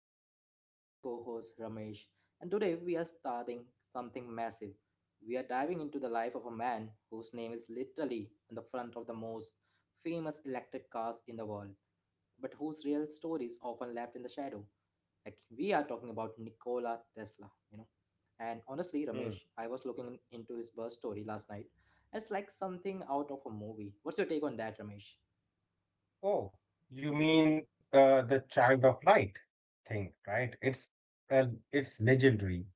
host Ankit with my co-host Ramesh, and today we are starting something massive. We are diving into the life of a man whose name is literally on the front of the most famous electric cars in the world, but whose real story is often left in the shadow. We are talking about Nikola Tesla, you know. And honestly, Ramesh, I was Hmm. looking into his birth story last night. It's like something out of a movie. What's your take on that, Ramesh? Oh, you mean the Child of Light thing, right? It's legendary.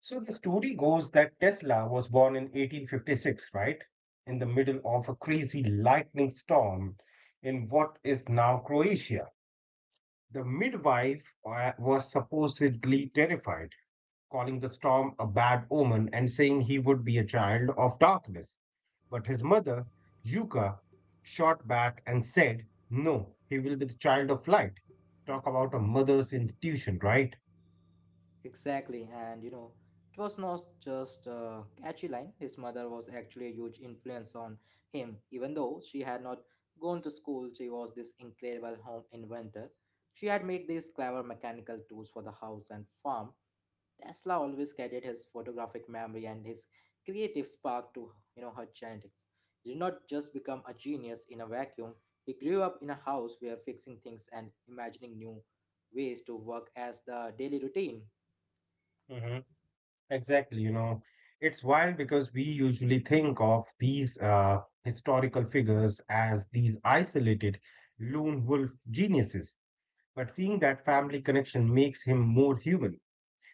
So the story goes that Tesla was born in 1856, right? In the middle of a crazy lightning storm in what is now Croatia. The midwife was supposedly terrified, calling the storm a bad omen and saying he would be a child of darkness. But his mother, Yuka, shot back and said, "No, he will be the child of light." Talk about a mother's institution, right? Exactly, and you know, it was not just a catchy line. His mother was actually a huge influence on him, even though she had not gone to school. She was this incredible home inventor. She had made these clever mechanical tools for the house and farm. Tesla always credited his photographic memory and his creative spark to her genetics. He did not just become a genius in a vacuum. He grew up in a house where fixing things and imagining new ways to work as the daily routine. Hmm. Exactly. It's wild because we usually think of these historical figures as these isolated lone wolf geniuses. But seeing that family connection makes him more human.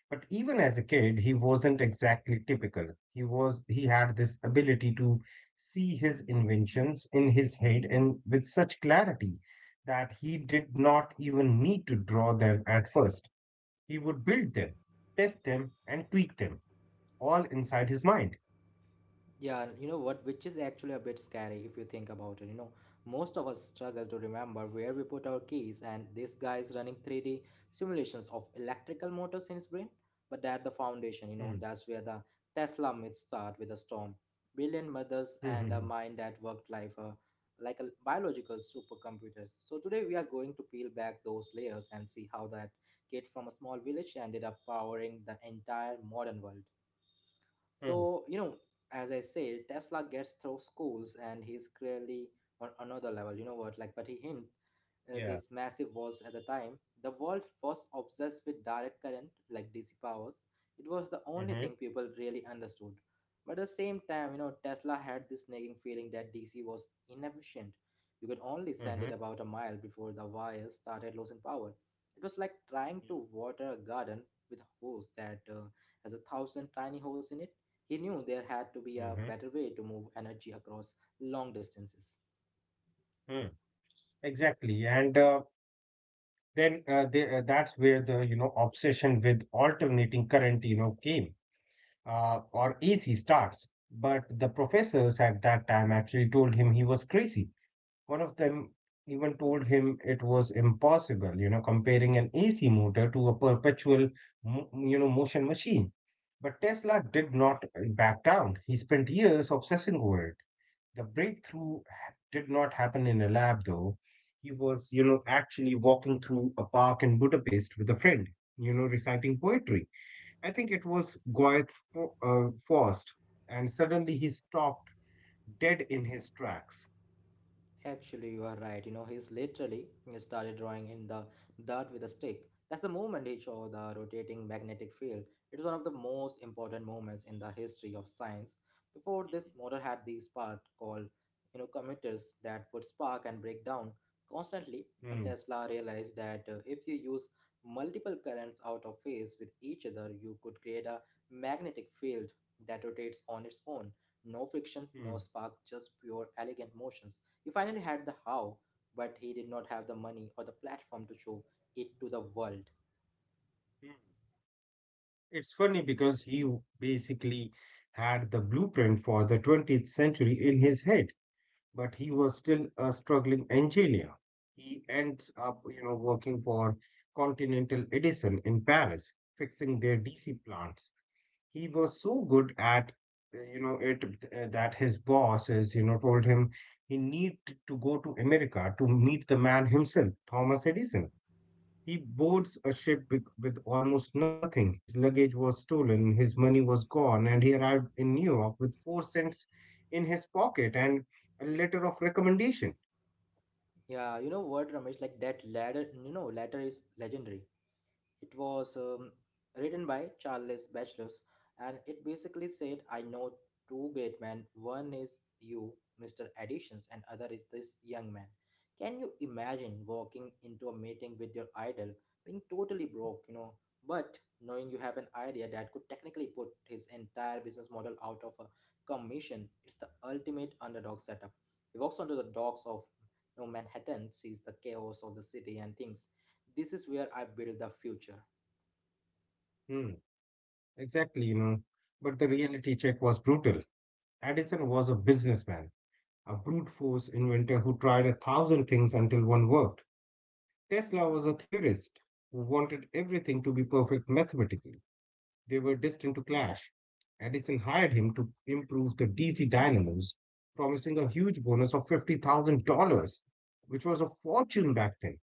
But even as a kid, he wasn't exactly typical. He had this ability to see his inventions in his head and with such clarity that he did not even need to draw them at first. He would build them, test them, and tweak them all inside his mind. Yeah, you know what, which is actually a bit scary if you think about it. You know, most of us struggle to remember where we put our keys, and this guy is running 3D simulations of electrical motors in his brain. But at the Hmm. foundation, you know, that's where the Tesla myth start with a storm. Brilliant Hmm. Hmm, mothers hmm, and a mind that worked like like a biological supercomputer. So today we are going to peel back those layers and see how that kid from a small village ended up powering the entire modern world. hmm. So, you know, as I said, Tesla gets through schools and he's clearly on another level, you know what? Like, but he hint Yeah. this massive was at the time. The world was obsessed with direct current, like DC powers. It was the only Hmm, thing people really understood. But at the same time, you know, Tesla had this nagging feeling that DC was inefficient. You could only send hmm, it about a mile before the wires started losing power. It was like trying to water a garden with a hose that has 1,000 tiny holes in it. He knew there had to be a hmm, better way to move energy across long distances. hmm. Exactly. And then that's where the obsession with alternating current came, or AC starts. But the professors at that time actually told him he was crazy. One of them even told him it was impossible, you know, comparing an AC motor to a perpetual motion machine. But Tesla did not back down. He spent years obsessing over it. The breakthrough did not happen in a lab, though. He was actually walking through a park in Budapest with a friend, reciting poetry. I think it was Goethe's Faust, and suddenly he stopped dead in his tracks. Actually, you are right. You know, he's literally started drawing in the dirt with a stick. That's the moment he showed the rotating magnetic field. It was one of the most important moments in the history of science. Before this, motor had these part called, you know, commuters that would spark and break down constantly. And Mm, Tesla realized that if you use multiple currents out of phase with each other, you could create a magnetic field that rotates on its own. No friction, no mm, spark, just pure elegant motion. He finally had the how, but he did not have the money or the platform to show it to the world. mm. It's funny because basically had the blueprint for the 20th century in his head, but he was still a struggling engineer. He ends up working for Continental Edison in Paris, fixing their DC plants. He was so good at it that his bosses told him he need to go to America to meet the man himself, Thomas Edison. He boards a ship with almost nothing. His luggage was stolen, his money was gone, and he arrived in New York with 4 cents in his pocket and a letter of recommendation. Yeah, you know what, Ramesh? Like that ladder, you know, ladder is legendary. It was written by Charles Batchelor, and it basically said, I know two great men. One is you, Mr. Additions, and other is this young man. Can you imagine walking into a meeting with your idol, being totally broke, you know, but knowing you have an idea that could technically put his entire business model out of a commission? It's the ultimate underdog setup. He walks onto the docks of, you know, Manhattan, sees the chaos of the city, and thinks, this is where I build the future. Hmm. Exactly, but the reality check was brutal. Edison was a businessman, a brute force inventor who tried a thousand things until one worked. Tesla was a theorist who wanted everything to be perfect mathematically. They were destined to clash. Edison hired him to improve the DC dynamos, promising a huge bonus of $50,000, which was a fortune back then.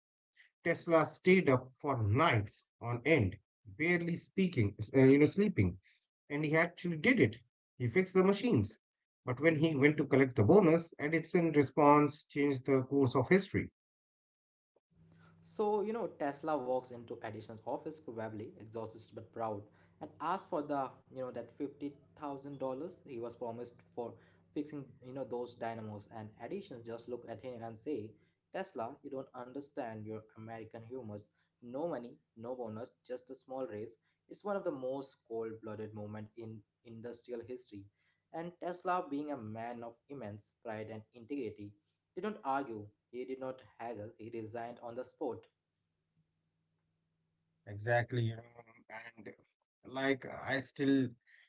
Tesla stayed up for nights on end, barely speaking, sleeping, and he actually did it. He fixed the machines. But when he went to collect the bonus, Edison response changed the course of history. So, you know, Tesla walks into Edison's office, probably exhausted but proud, and asks for the, you know, that $50,000 he was promised for fixing, you know, those dynamos. And Edison just look at him and say, Tesla, you don't understand your American humors. No money, no bonus, just a small raise. It's one of the most cold-blooded moment in industrial history. And Tesla, being a man of immense pride and integrity, did not argue. He did not haggle. He resigned on the spot. Exactly. And like I still,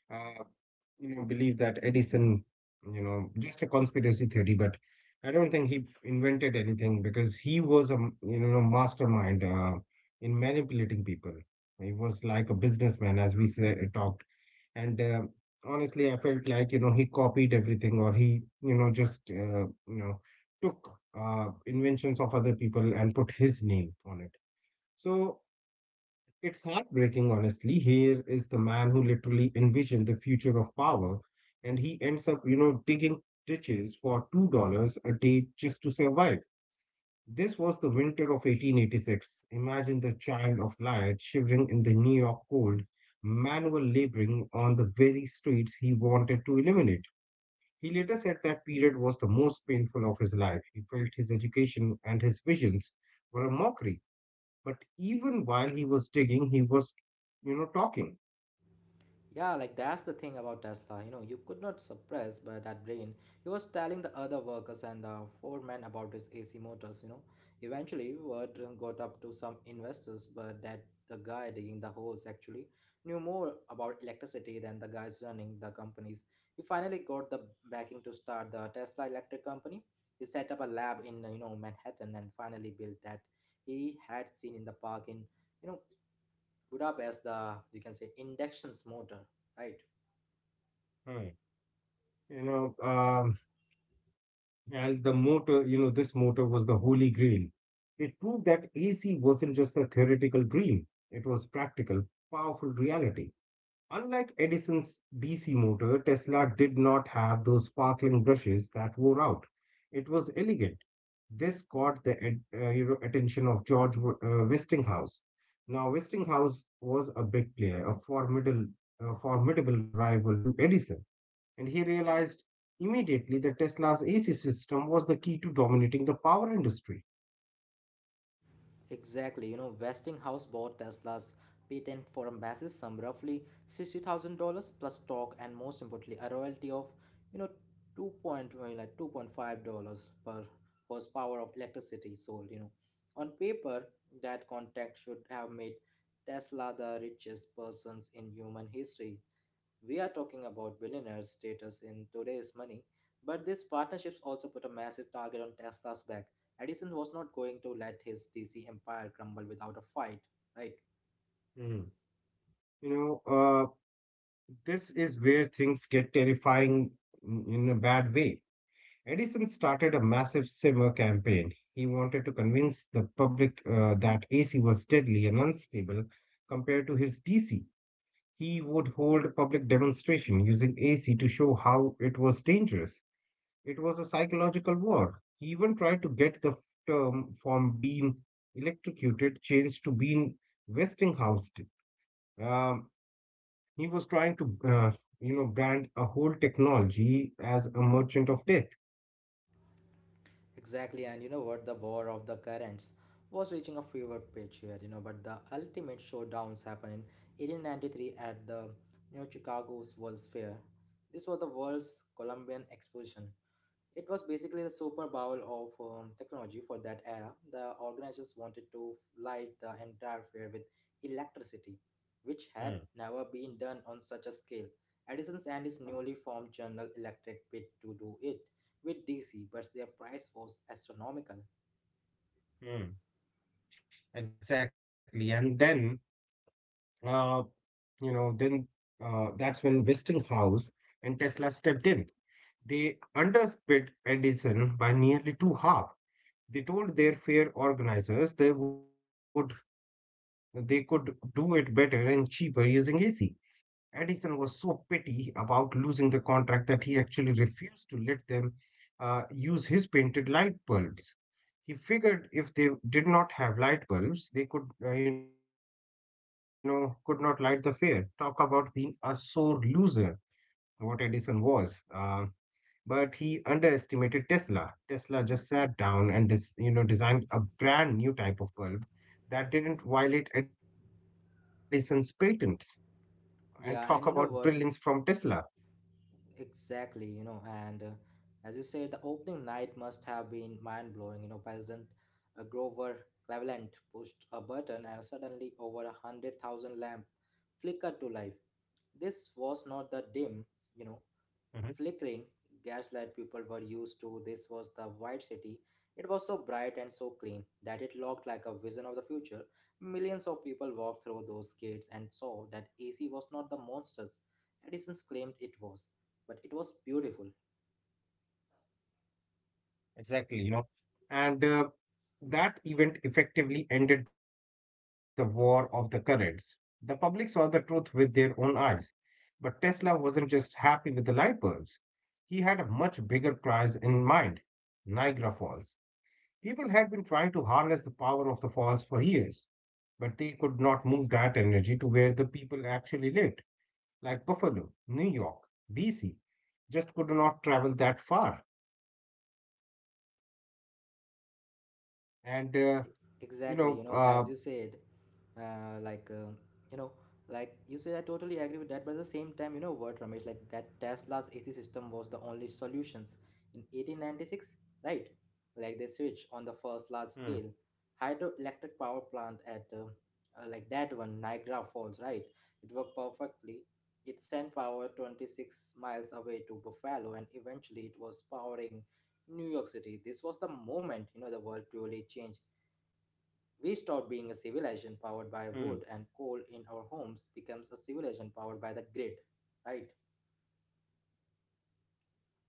uh, believe that Edison, just a conspiracy theory, but I don't think he invented anything because he was a mastermind in manipulating people. He was like a businessman, as we say, talked. And honestly, I felt like, he copied everything, or he, just took inventions of other people and put his name on it. So it's heartbreaking, honestly. Here is the man who literally envisioned the future of power, and he ends up, digging ditches for $2 a day just to survive. This was the winter of 1886. Imagine the child of light shivering in the New York cold, manual laboring on the very streets he wanted to eliminate. He later said that period was the most painful of his life. He felt his education and his visions were a mockery. But even while he was digging, he was, talking. Yeah, like that's the thing about Tesla. You know, you could not suppress by that brain. He was telling the other workers and the foreman about his AC motors. You know, eventually word got up to some investors, but that the guy digging the holes actually knew more about electricity than the guys running the companies. He finally got the backing to start the Tesla Electric Company. He set up a lab in, you know, Manhattan and finally built that he had seen in the park in, you know, Budapest, the, you can say, induction's motor, right? Hmm. You know, um, And the motor, you know, this motor was the holy grail. It proved that AC wasn't just a theoretical dream, it was practical, powerful reality. Unlike Edison's DC motor, Tesla did not have those sparkling brushes that wore out. It was elegant. This caught the attention of George Westinghouse. Now, Westinghouse was a big player, a formidable rival to Edison, and he realized immediately that Tesla's AC system was the key to dominating the power industry. Exactly, you know, Westinghouse bought Tesla's patent for a massive sum, roughly $60,000 plus stock and most importantly a royalty of, you know, well, like $2.5 per horsepower of electricity sold, you know. On paper, that contract should have made Tesla the richest persons in human history. We are talking about billionaires' status in today's money, but these partnerships also put a massive target on Tesla's back. Edison was not going to let his DC empire crumble without a fight, right? Mm. You know, uh, this is where things get terrifying in a bad way. Edison started a massive simmer campaign. He wanted to convince the public that AC was deadly and unstable compared to his DC. He would hold a public demonstration using AC to show how it was dangerous. It was a psychological war. He even tried to get the term from being electrocuted changed to being Westinghouse. Um, he was trying to, brand a whole technology as a merchant of death. Exactly, and you know what? The war of the currents was reaching a fever pitch here, you know, but the ultimate showdowns happened in 1893 at the, you know, Chicago's World's Fair. This was the world's Columbian Exposition. It was basically the Super Bowl of technology for that era. The organizers wanted to light the entire fair with electricity, which had never been Hmm. done on such a scale. Edison and his newly formed General Electric bid to do it with DC, but their price was astronomical. Hmm. Exactly. And then, uh, you know, then uh, that's when Westinghouse and Tesla stepped in. They underbid Edison by nearly two half. They told their fair organizers they could do it better and cheaper using AC. Edison was so petty about losing the contract that he actually refused to let them use his painted light bulbs. He figured if they did not have light bulbs, they could not light the fair. Talk about being a sore loser, what Edison was. But he underestimated Tesla. Tesla just sat down and dis, you know designed a brand new type of bulb that didn't violate Edison's patents. And talk about brilliance from Tesla. Yeah, and you know what? Exactly, you know, and as you say, the opening night must have been mind blowing. You know, President Grover Cleveland pushed a button and suddenly over 100,000 lamp flickered to life. This Mhm. was not the dim, you know, flickering gaslight people were used to. This was the White City. It was so bright and so clean that it looked like a vision of the future. Millions of people walked through those gates and saw that AC was not the monsters Edison claimed it was, but it was beautiful. Exactly, and that event effectively ended the war of the currents. The public saw the truth with their own eyes, but Tesla wasn't just happy with the light bulbs. He had a much bigger prize in mind: Niagara Falls. People had been trying to harness the power of the falls for years, but they could not move that energy to where the people actually lived, like Buffalo, New York. DC just could not travel that far. E- And, uh, Exactly, you you know, know, as you uh, said, uh, like, uh, you know, like you said, I totally agree with that. But at the same time, you know what, Ramesh, like that Tesla's AC system was the only solutions in 1896, right? Like they switched on the first large scale Hmm, hydroelectric power plant at like that one, Niagara Falls, right? It worked perfectly. It sent power 26 miles away to Buffalo, and eventually it was powering New York City. This was the moment, you know, the world truly changed. We stop being a civilization hmm, powered by wood and coal in our homes becomes a civilization powered by the grid, right?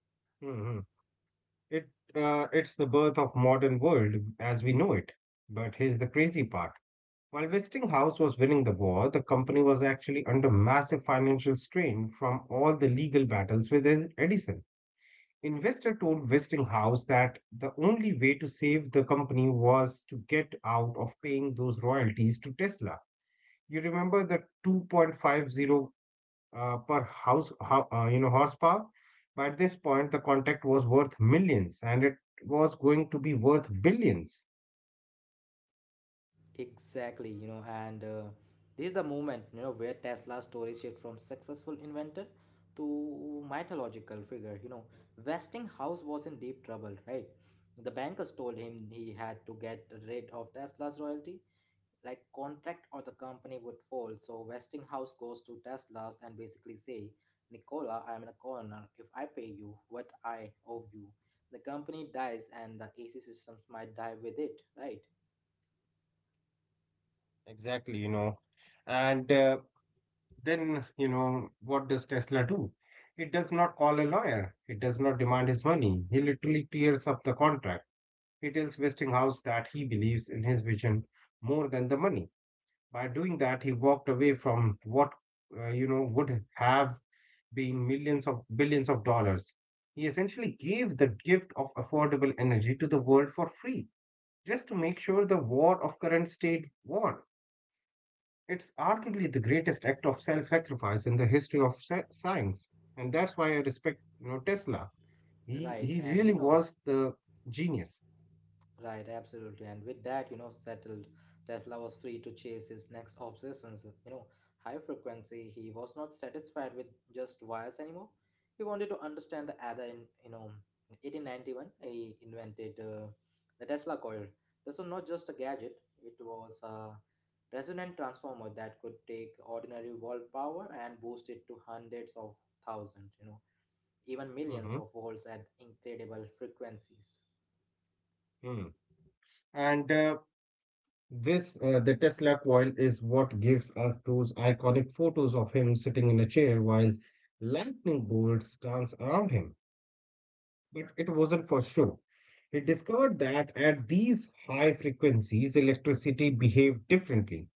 hmm, hmm. It, it's the birth of modern world as we know it. But here's the crazy part. While Westinghouse was winning the war, the company was actually under massive financial strain from all the legal battles with Edison. Investor told Westinghouse that the only way to save the company was to get out of paying those royalties to Tesla. You remember the 2.50 per horsepower? By this point, the contract was worth millions, and it was going to be worth billions. Exactly, you know, and this is the moment, you know, where Tesla's story shifts from successful inventor to mythological figure. You know, Westinghouse was in deep trouble, right? The bankers told him he had to get rid of Tesla's royalty, like contract, or the company would fold. So Westinghouse goes to Tesla's and basically say, Nicola, I'm in a corner. If I pay you what I owe you, the company dies and the AC systems might die with it, right? Exactly. And then, what does Tesla do? It does not call a lawyer. It does not demand his money. He literally tears up the contract. He tells Westinghouse that he believes in his vision more than the money. By doing that, he walked away from what would have been millions of billions of dollars. He essentially gave the gift of affordable energy to the world for free, just to make sure the war of current state won. It's arguably the greatest act of self-sacrifice in the history of science, and that's why I respect Tesla. He Right, he and really you know, was the genius. right, absolutely. And with that, you know, settled, Tesla was free to chase his next obsessions. You know, high frequency, he was not satisfied with just wires anymore. He wanted to understand the other in, you know, 1891, he invented the Tesla coil. This was not just a gadget, it was a resonant transformer that could take ordinary volt power and boost it to hundreds of thousands, you know, even millions Hmm. of volts at incredible frequencies. And the Tesla coil is what gives us those iconic photos of him sitting in a chair while lightning bolts dance around him. But it wasn't for show. He discovered that at these high frequencies, electricity behaved differently.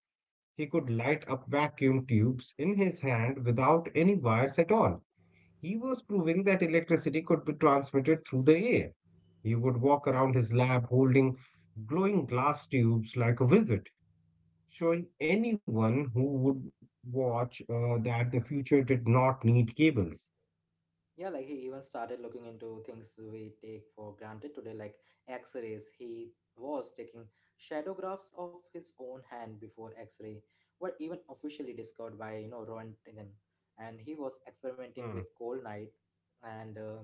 He could light up vacuum tubes in his hand without any wires at all. He was proving that electricity could be transmitted through the air. He would walk around his lab holding glowing glass tubes like a wizard, showing anyone who would watch that the future did not need cables. Yeah, like he even started looking into things we take for granted today, like x rays. He was taking shadographs of his own hand before x ray were even officially discovered by, you know, Roentgen. And he was Hmm. experimenting with cold night and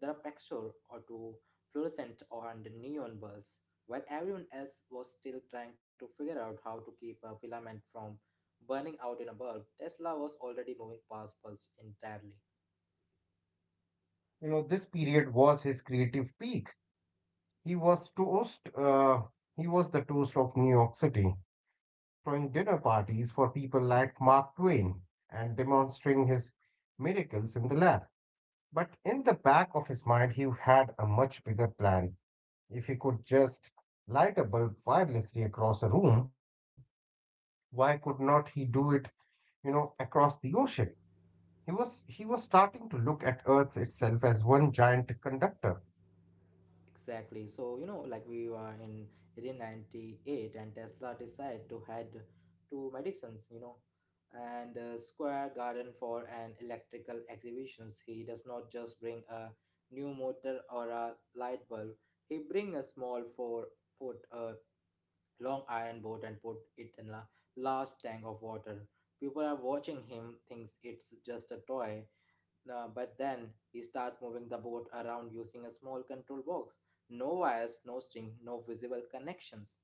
the pressure or to fluorescent and neon bulbs, while everyone else was still trying to figure out how to keep a filament from burning out in a bulb. Tesla was already moving past bulbs entirely. This period was his creative peak. He was toast. Uh, he was the toast of New York City, throwing dinner parties for people like Mark Twain and demonstrating his miracles in the lab. But in the back of his mind, he had a much bigger plan. If he could just light a bulb wirelessly across a room, why could not he do it, across the ocean? He was starting to look at Earth itself as one giant conductor. Exactly. So, you know, like we were in 1898 and Tesla decided to head to Madison's, you know, and Square Garden for an electrical exhibitions. He does not just bring a new motor or a light bulb. He bring a small 4 foot long iron boat and put it in a large tank of water. People are watching him thinks it's just a toy, but then he start moving the boat around using a small control box. No wires, no string, no visible connections.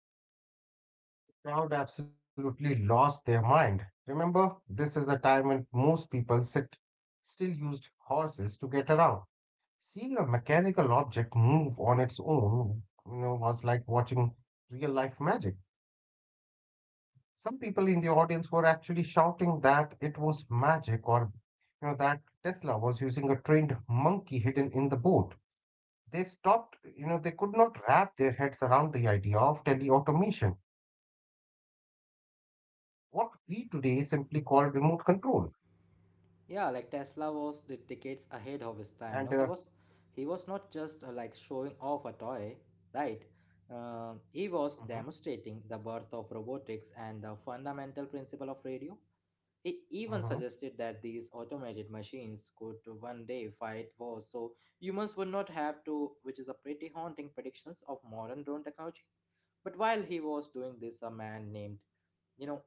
The crowd absolutely lost their mind. Remember, this is a time when most people sit still used horses to get around. Seeing a mechanical object move on its own, was like watching real life magic. Some people in the audience were actually shouting that it was magic, or that Tesla was using a trained monkey hidden in the boat. They stopped, you know, they could not wrap their heads around the idea of teleautomation, what we today simply call remote control. Yeah, like Tesla And was the decades ahead of his time. He was not just like showing off a toy, right? Mhm, He was demonstrating the birth of robotics and the fundamental principle of radio. He even suggested that mhm, these automated machines could one day fight wars so humans would not have to, which is a pretty haunting predictions of modern drone technology. But while he was doing mhm, this, a man named, you know,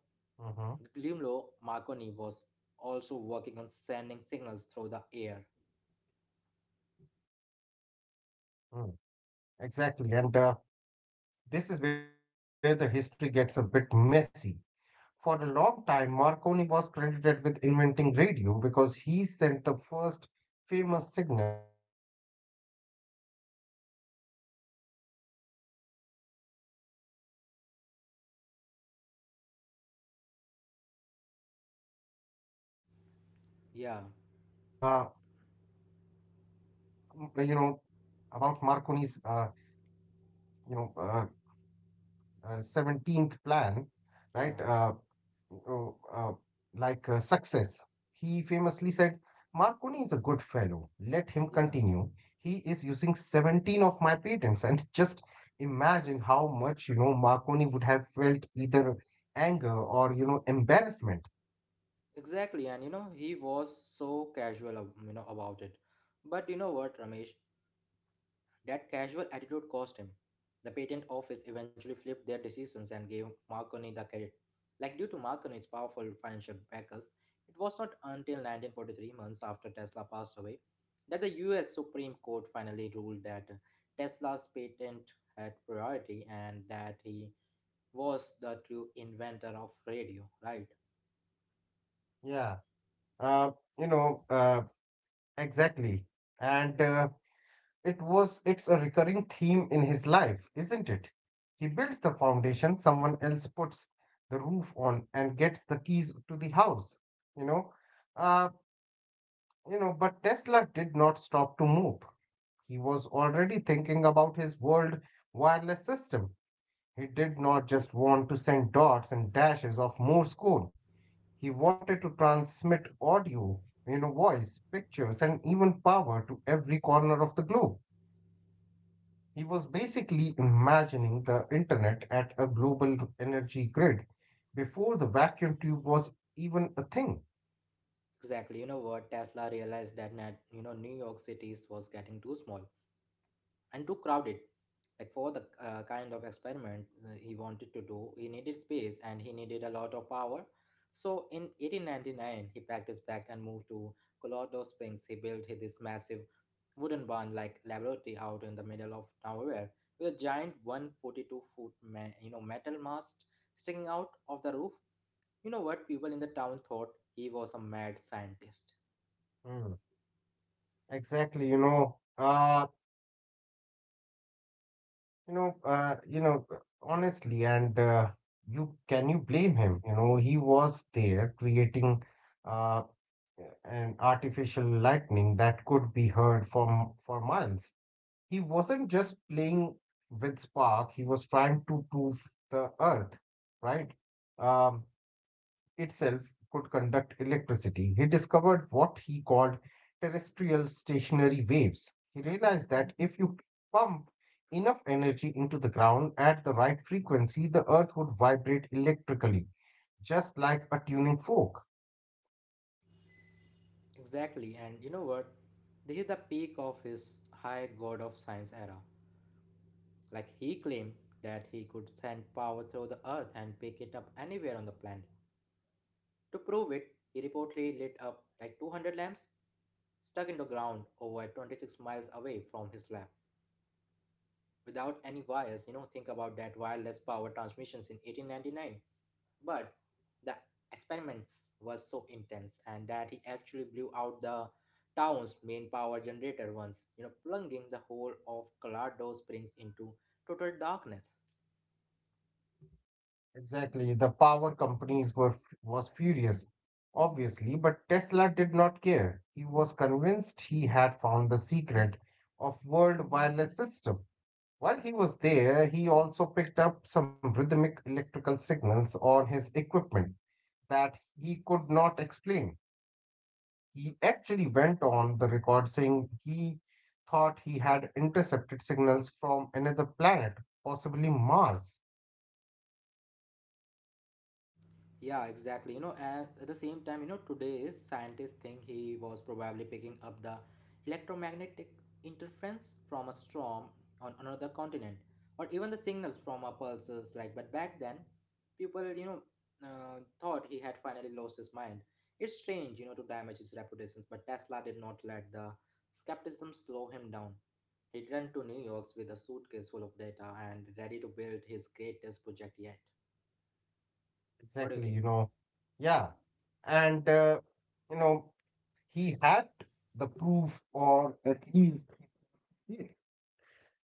Guglielmo Marconi was also working on sending signals through the air. mm, Exactly. And This is where the history gets a bit messy. For a long time, Marconi was credited with inventing radio because he sent the first famous signal across the Atlantic. But Marconi was actually using 17 of Tesla's patent to make his system work. When Tesla was asked about Marconi's, you know, uh, Yeah, mm, you know, about Marconi's, you know, uh, 17th plan, right? Yeah, uh, uh, success, he famously said, "Marconi is a good fellow. Let him yeah, continue. He is using 17 of my patents." And just imagine how much, you know, Marconi would have felt either anger or, you know, embarrassment. exactly. And you know, he was so casual, you know, about it. But you know what, Ramesh? That casual attitude cost him. The patent office eventually flipped their decisions and gave Marconi the credit. Like due to Marconi's powerful financial backers, it was not until 1943 months after Tesla passed away that the US Supreme Court finally ruled that Tesla's patent had priority and that he was the true inventor of radio, right? Yeah. Uh, you know, uh, exactly. And it's a recurring theme in his life, isn't it? He builds the foundation, someone else puts the roof on and gets the keys to the house, you know. Uh, but Tesla did not stop to move. He was already thinking about his world wireless system. He did not just want to send dots and dashes of Morse code. He wanted to transmit audio, you know, voice, pictures, and even power to every corner of the globe. He was basically imagining the internet at a global energy grid before the vacuum tube was even a thing. Exactly. You know what? Tesla realized that you know, New York City's was getting too small and too crowded. Like for the kind of experiment he wanted to do, he needed space and he needed a lot of power. So in 1899, he practiced back and moved to Colorado Springs. He built this massive wooden barn like laboratory out in the middle of nowhere with a giant 142 foot you know, metal mast sticking out of the roof. You know what? People in the town thought he was a mad scientist. Mm, Exactly, you know. You know, uh, you know, Honestly, and you can you blame him? You know, he was there creating uh, an artificial lightning that could be heard from for miles. He wasn't just playing with spark; he was trying to prove the Earth, right? Um, itself could conduct electricity. He discovered what he called terrestrial stationary waves. He realized that if you pump enough energy into the ground at the right frequency, the earth would vibrate electrically, just like a tuning fork. Exactly, and you know what? This is the peak of his high god of science era. Like he claimed that he could send power through the earth and pick it up anywhere on the planet. To prove it, he reportedly lit up like 200 lamps stuck in the ground over 26 miles away from his lab without any wires. You know, think about that, wireless power transmissions in 1899. But the experiments was so intense and that he actually blew out the town's main power generator once, you know, plunging the whole of Colorado Springs into total darkness. Exactly. The power companies were was furious, obviously, but Tesla did not care. He was convinced he had found the secret of world wireless system. While he was there, he also picked up some rhythmic electrical signals on his equipment that he could not explain. He actually went on the record saying he thought he had intercepted signals from another planet, possibly Mars. Yeah, exactly. You know, and at the same time, you know, today's scientists think he was probably picking up the electromagnetic interference from a storm on another continent, or even the signals from our pulses. Like, but back then, people, thought he had finally lost his mind. It's strange, you know, to damage his reputations, but Tesla did not let the skepticism slow him down. He ran to New York with a suitcase full of data and ready to build his greatest project yet. What do you Exactly, think? you know. Yeah. And, uh, you know, he had the proof, or at least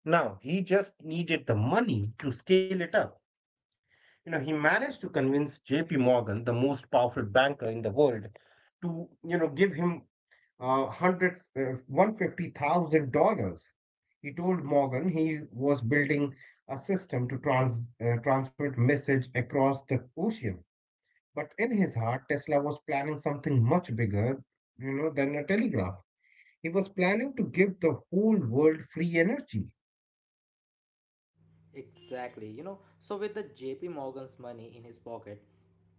now he just needed the money to scale it up. You know, he managed to convince JP Morgan, the most powerful banker in the world, to, you know, give him uh, 100, uh, $150,000. He told Morgan he was building a system to transmit message across the ocean. But in his heart, Tesla was planning something much bigger, you know, than a telegraph. He was planning to give the whole world free energy. Exactly, you know. So with the JP Morgan's money in his pocket,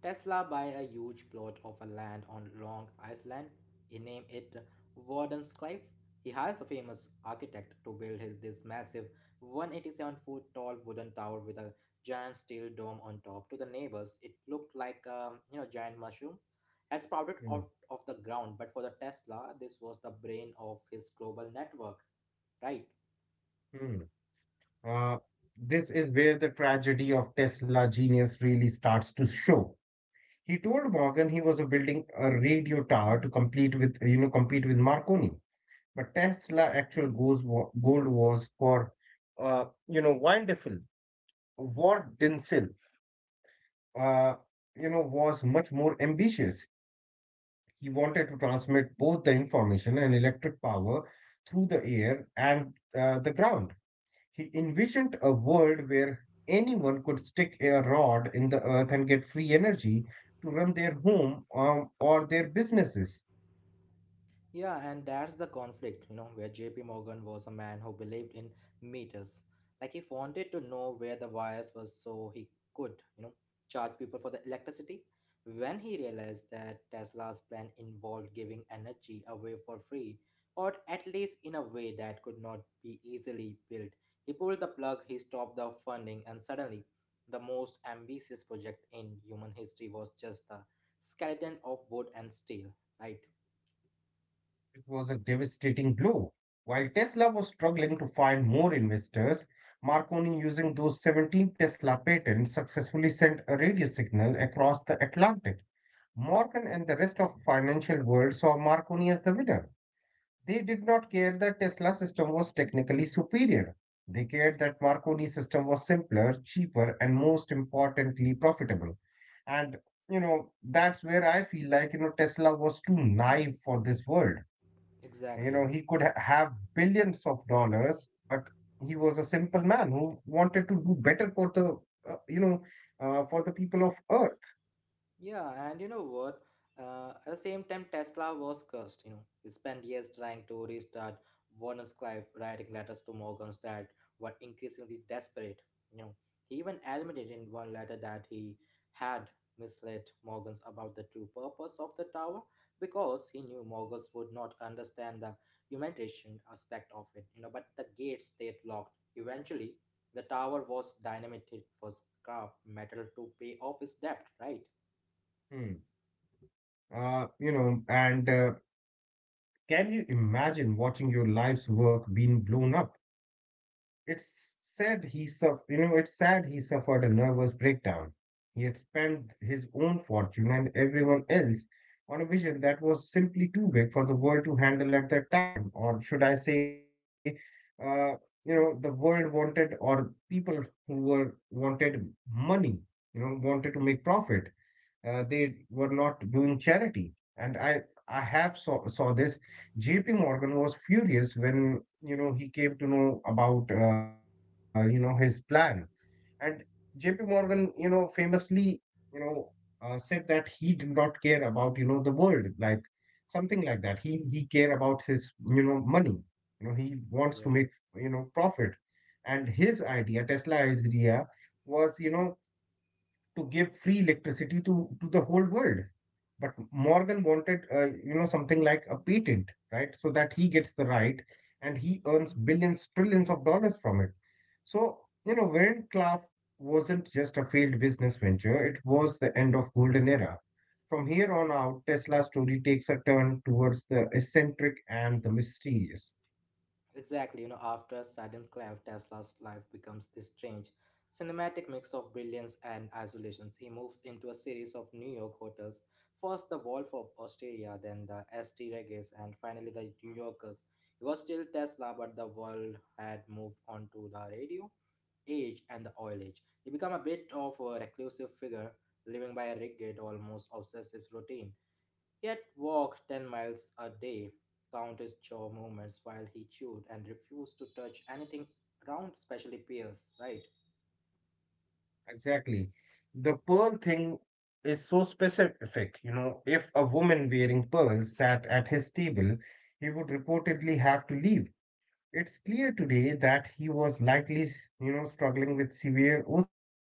Tesla buy a huge plot of a land on Long Island. He named it Warden's Cliff. He hires a famous architect to build his, this massive 187-foot tall wooden tower with a giant steel dome on top. To the neighbors, it looked like you know, giant mushroom had sprouted You know. out of the ground. But for the Tesla, this was the brain of his global network, right? Hmm. Uh, this is where the tragedy of Tesla genius really starts to show. He told Morgan he was building a radio tower to complete with you know compete with Marconi, but Tesla actual goals wa- goal was for Weindiffel, Ward Dinsel, uh, was much more ambitious. He wanted to transmit both the information and electric power through the air and the ground. He envisioned a world where anyone could stick a rod in the earth and get free energy to run their home or their businesses. Yeah, and that's the conflict, you know, where JP Morgan was a man who believed in meters. Like he wanted to know where the wires were so he could, you know, charge people for the electricity. When he realized that Tesla's plan involved giving energy away for free, or at least in a way that could not be easily built, he pulled the plug, he stopped the funding, and suddenly the most ambitious project in human history was just a skeleton of wood and steel, right? It was a devastating blow. While Tesla was struggling to find more investors, Marconi, using those 17 Tesla patents, successfully sent a radio signal across the Atlantic. Morgan and the rest of the financial world saw Marconi as the winner. They did not care that Tesla system was technically superior. They cared that Marconi system was simpler, cheaper, and most importantly, profitable. And you know, that's where I feel like you know Tesla was too naive for this world. You Exactly. know, have billions of dollars, but he was a simple man who wanted to do better for the uh, you know for the people of Earth. Yeah, and you know what? At the same time, Tesla was cursed. You know, he spent years trying to restart Warner Clive, writing letters to Morgans that were increasingly desperate. You know, he even admitted in one letter that he had misled Morgans about the true purpose of the tower because he knew Morgans would not understand the humanitarian aspect of it. You know, but the gates stayed locked. Eventually, the tower was dynamited for scrap metal to pay off his debt. Right. Hmm. You know, and Can you imagine watching your life's work being blown up? It's sad he suffered, you know, it's sad he suffered a nervous breakdown. He had spent his own fortune and everyone else on a vision that was simply too big for the world to handle at that time, or should I say, uh, you know, the world wanted, or people who were wanted money, you know, wanted to make profit. They were not doing charity, and I have saw this. JP Morgan was furious when you know he came to know about you know his plan, and JP Morgan you know famously you know said that he did not care about you know the world, like something like that. He care about his you know money. You know, he wants to Yeah, make you know profit, and his idea Tesla idea was you know to give free electricity to the whole world. But Morgan wanted, you know, something like a patent, right? So that he gets the right and he earns billions, trillions of dollars from it. So, you know, Warren Clough wasn't just a failed business venture, it was the end of golden era. From here on out, Tesla's story takes a turn towards the eccentric and the mysterious. exactly. You know, after a sudden clap, Tesla's life becomes this strange cinematic mix of brilliance and isolations. He moves into a series of New York hotels, first the Wolf of Osteria, then the St. Regis, and finally the New Yorkers. He was still Tesla, but the world had moved on to the radio age and the oil age. He became a bit of a reclusive figure, living by a rigid, almost obsessive routine. Yet walked 10 miles a day, count his jaw movements while he chewed, and refused to touch anything round, especially pears, right? Exactly. The pearl thing is so specific. You know, if a woman wearing pearls sat at his table, he would reportedly have to leave. It's clear today that he was likely, you know, struggling with severe OCD.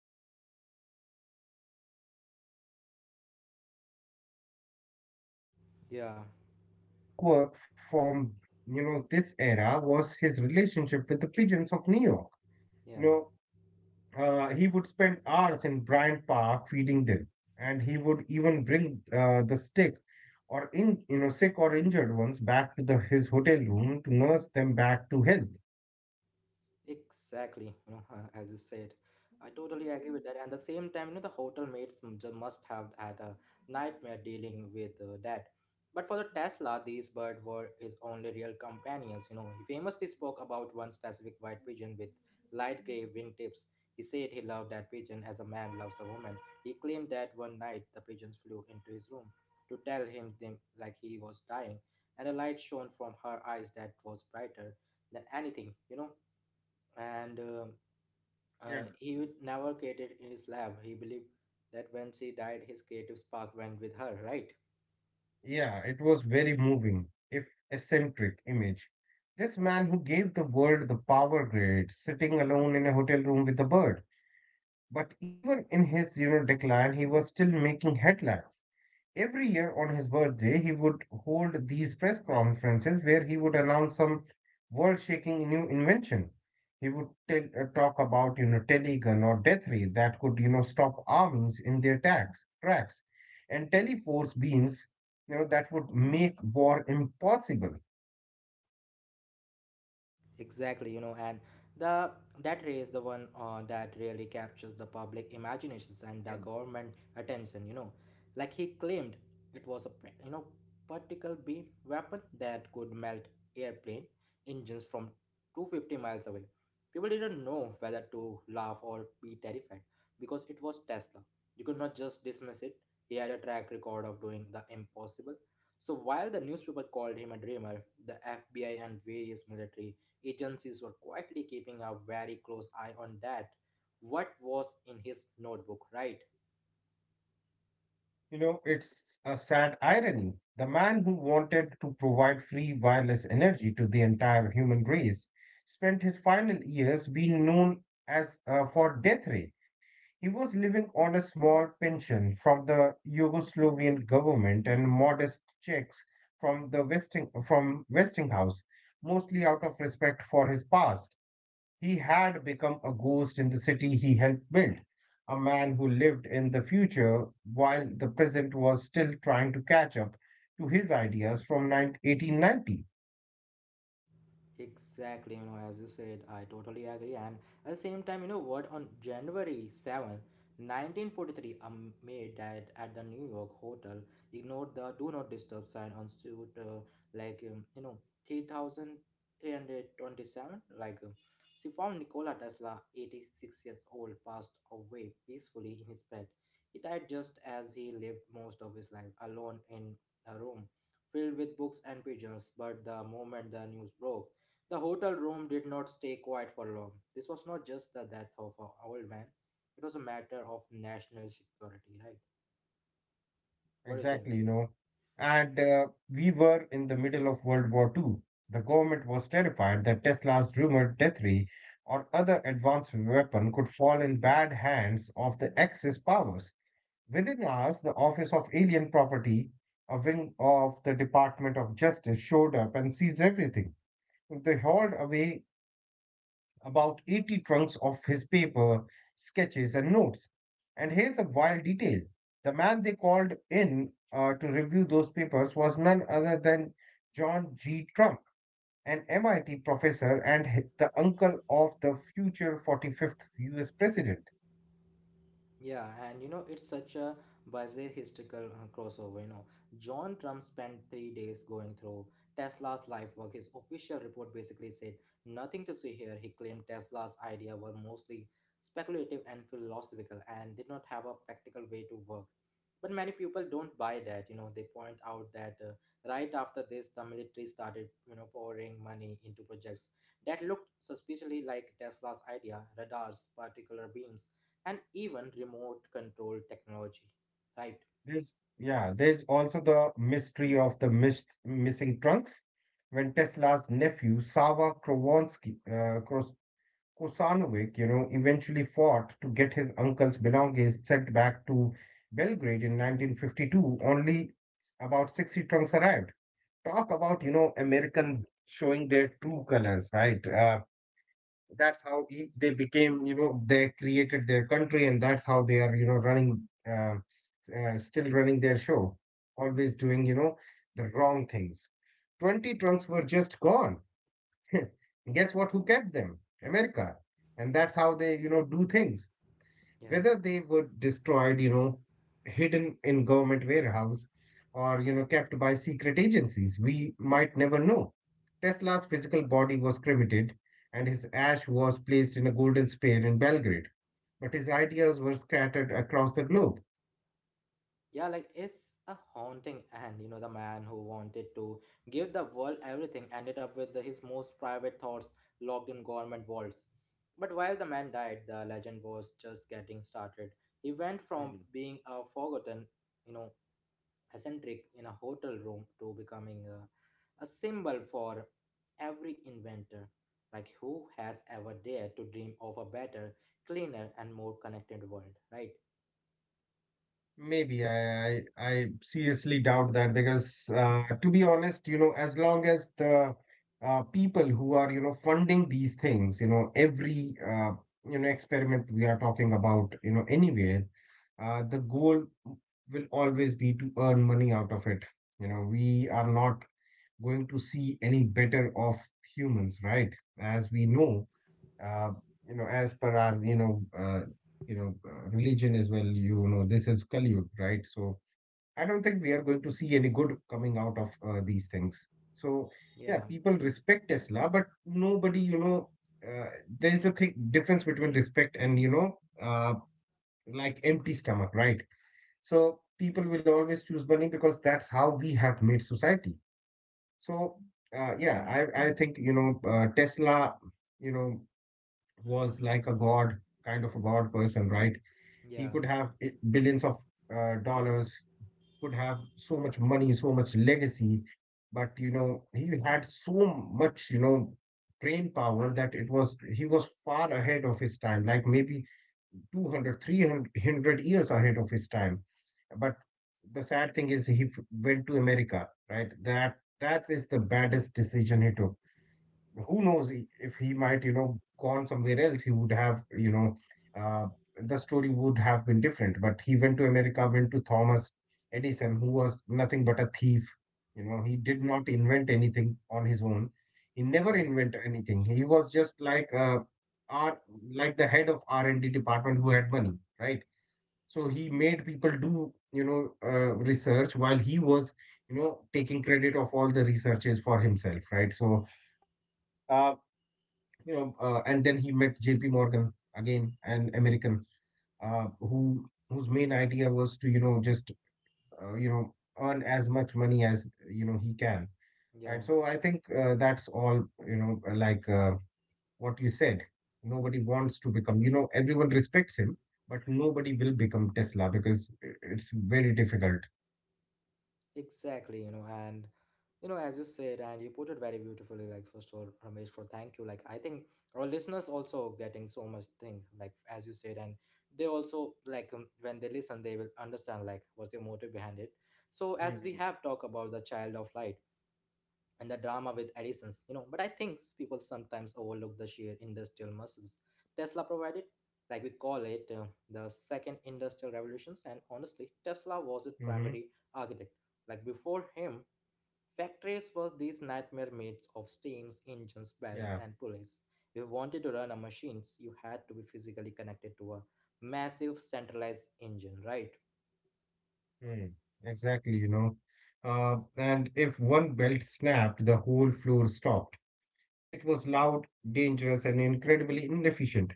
But back then, it was just, you know, added to his mad scientist reputation. Yeah, But his most famous quirk from, you know, this era was his relationship with the pigeons of New York. yeah. You know, he would spend hours in Bryant Park feeding them, and he would even bring the sick or in you know sick or injured ones back to the his hotel room to nurse them back to health. Exactly, you know, as you said, I totally agree with that. And the same time, you know, the hotel mates must have had a nightmare dealing with that. But for the Tesla, these birds were his only real companions. You know, he famously spoke about one specific white pigeon with light gray wingtips. He said he loved that pigeon as a man loves a woman. He claimed that one night the pigeons flew into his room to tell him them like he was dying, and a light shone from her eyes that was brighter than anything. You know, and Yeah. He would never created in his lab. He believed that when she died, his creative spark went with her, right? Yeah, it was very moving, if eccentric image. This man who gave the world the power grid, sitting alone in a hotel room with a bird. But even in his, you know, decline, he was still making headlines. Every year on his birthday, he would hold these press conferences where he would announce some world-shaking new invention. He would talk about, you know, telegun or death ray that could, you know, stop armies in their tracks, and teleforce beams, you know, that would make war impossible. Exactly, you know, and the that race, the one that really captures the public imaginations and the Yeah. government attention. You know, like he claimed it was a you know, particle beam weapon that could melt airplane engines from 250 miles away. People didn't know whether to laugh or be terrified because it was Tesla. You could not just dismiss it. He had a track record of doing the impossible. So while the newspaper called him a dreamer, the FBI and various military agencies were quietly keeping a very close eye on that. What was in his notebook, right? You know, it's a sad irony. The man who wanted to provide free wireless energy to the entire human race spent his final years being known as for death ray. He was living on a small pension from the Yugoslavian government and modest checks from the Westinghouse, mostly out of respect for his past. He had become a ghost in the city he helped build, a man who lived in the future while the present was still trying to catch up to his ideas from 9 1890. Exactly, you know, as you said, I totally agree. And at the same time, you know what, on January 7th, 1943, a maid died at the New York hotel, ignored the do not disturb sign on suit, like, um, you know, 3327. She found Nikola Tesla, 86 years old, passed away peacefully in his bed. He died just as he lived most of his life, alone in a room filled with books and pigeons. But the moment the news broke, the hotel room did not stay quiet for long. This was not just the death of an old man, it was a matter of national security, right? What do you think? Exactly, you know. And We were in the middle of World War Two. The government was terrified that Tesla's rumored death ray or other advanced weapon could fall in bad hands of the Axis powers. Within hours, the Office of Alien Property, a wing of the Department of Justice, showed up and seized everything. They hauled away about 80 trunks of his paper, sketches, and notes. And here's a wild detail: the man they called in to review those papers was none other than John G. Trump, an MIT professor and the uncle of the future 45th US president. Yeah, and you know, it's such a bizarre historical crossover. You know, John Trump spent three days going through Tesla's life work. His official report basically said nothing to see here. He claimed Tesla's idea were mostly speculative and philosophical and did not have a practical way to work. But many people don't buy that. You know, they point out that right after this, the military started, you know, pouring money into projects that looked suspiciously like Tesla's idea radars, particular beams and even remote control technology, right? There's yeah, there's also the mystery of the missing trunks. When Tesla's nephew Sava Krovonsky, Kosanovic, you know, eventually fought to get his uncle's belongings sent back to Belgrade in 1952, only about 60 trunks arrived. Talk about you know American showing their true colors, right? They became you know they created their country and that's how they are you know running uh, still running their show, always doing you know the wrong things. 20 trunks were just gone. Guess what, who kept them? America. And that's how they you know do things, Yeah, whether they were destroyed, you know, hidden in government warehouse or, you know, kept by secret agencies, we might never know. Tesla's physical body was cremated and his ash was placed in a golden sphere in Belgrade, but his ideas were scattered across the globe. yeah, like it's a haunting. And you know, the man who wanted to give the world everything ended up with his most private thoughts locked in government vaults. But while the man died, the legend was just getting started. He went from being a forgotten, you know, eccentric in a hotel room to becoming a symbol for every inventor like who has ever dared to dream of a better, cleaner and more connected world, right? Maybe I seriously doubt that because to be honest, you know, as long as the people who are, you know, funding these things, you know, every you know experiment we are talking about, you know, anywhere, the goal will always be to earn money out of it. You know, we are not going to see any better of humans, right? As we know, uh, you know, as per our, you know, religion as well, you know, this is Kali Yuga, right? So I don't think we are going to see any good coming out of these things. So yeah, Yeah, people respect Tesla, but nobody, uh, there is a thing difference between respect and like empty stomach, right? So people will always choose money because that's how we have made society. So yeah, I think Tesla, you know, was like a god, kind of a god person, right? yeah, He could have billions of dollars, could have so much money, so much legacy, but you know, he had so much, you know, brain power that it was he was far ahead of his time, like maybe 200, 300 years ahead of his time. But the sad thing is went to America, right? That is the baddest decision he took. Who knows, if he might, you know, gone somewhere else, he would have, uh, the story would have been different. But he went to America, went to Thomas Edison, who was nothing but a thief. You know, he did not invent anything on his own. He never yeah, invented anything. He was just like R, like the head of R and D department who had money, right? So he made people do, research while he was, you know, taking credit of all the researches for himself, right? Uh, and then he met J.P. Morgan, again, an American, whose main idea was to, you know, just uh, you know earn as much money as he can. yeah. Right. So I think that's all. You know, what you said, nobody wants to become. You know, everyone respects him, but nobody will become Tesla because it's very difficult. Exactly, you know, and you know, as you said, and you put it very beautifully, like first of all, Ramesh, for thank you. Like I think our listeners also getting so much thing, like as you said, and they also like when they listen, they will understand like what's the motive behind it. So as we Mm-hmm. have talked about the child of light, and the drama with additions, you know. But I think people sometimes overlook the sheer industrial muscles Tesla provided. Like we call it the second industrial revolutions, and honestly, Tesla was its Mm-hmm. primary architect. Like before him, factories were these nightmare maids of steams, engines, belts, Yeah. and pulleys. If you wanted to run a machines, you had to be physically connected to a massive centralized engine, right? Mm. Exactly. You know. And if one belt snapped, the whole floor stopped. It was loud, dangerous, and incredibly inefficient.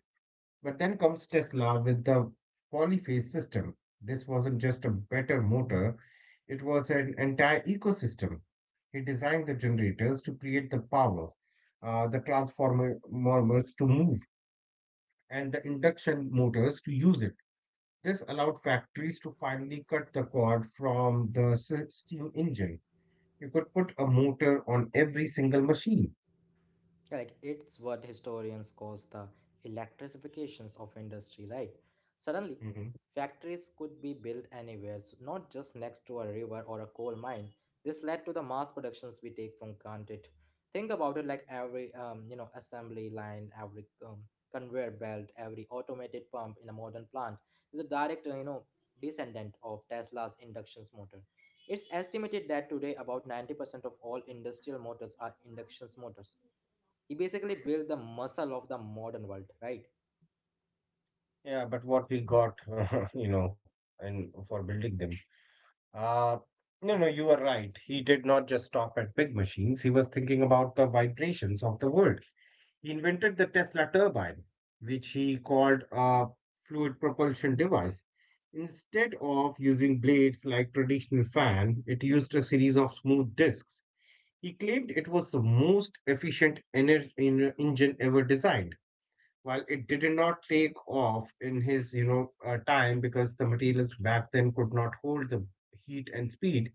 But then comes Tesla with the polyphase system. This wasn't just a better motor, it was an entire ecosystem. He designed the generators to create the power, the transformers to move, and the induction motors to use it. This allowed factories to finally cut the cord from the steam engine. You could put a motor on every single machine. Like it's what historians calls the electrifications of industry, right? Suddenly, factories could be built anywhere, so not just next to a river or a coal mine. This led to the mass productions we take from granted. Think about it like every assembly line, every conveyor belt, every automated pump in a modern plant is a direct descendant of Tesla's induction motor. It's estimated that today about 90% of all industrial motors are induction motors. He basically built the muscle of the modern world, right? Yeah, but what we got, you know, and for building them. Uh, no, no, you are right. He did not just stop at big machines. He was thinking about the vibrations of the world. He invented the Tesla turbine, which he called a fluid propulsion device. Instead of using blades like traditional fan, it used a series of smooth discs. He claimed it was the most efficient engine ever designed. While it did not take off in his, time because the materials back then could not hold the heat and speed,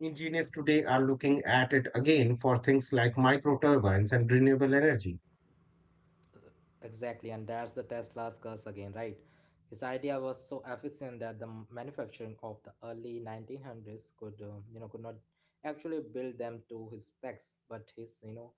engineers today are looking at it again for things like micro turbines and renewable energy. Exactly, and that's the Tesla's curse again, right? His idea was so efficient that the manufacturing of the early 1900s could, could not actually build them to his specs, but his,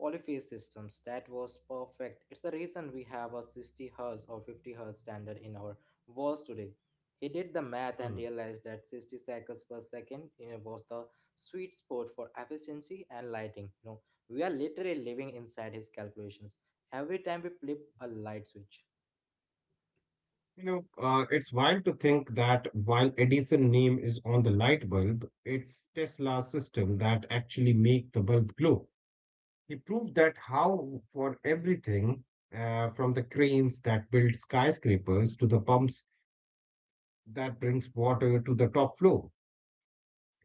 polyphase systems that was perfect. It's the reason we have a 60 hertz or 50 hertz standard in our walls today. He did the math Hmm. and realized that 60 cycles per second, was the sweet spot for efficiency and lighting. You know, we are literally living inside his calculations every time we flip a light switch. You know, it's wild to think that while Edison name is on the light bulb, it's Tesla's system that actually make the bulb glow. He proved that how for everything, from the cranes that build skyscrapers to the pumps that brings water to the top floor.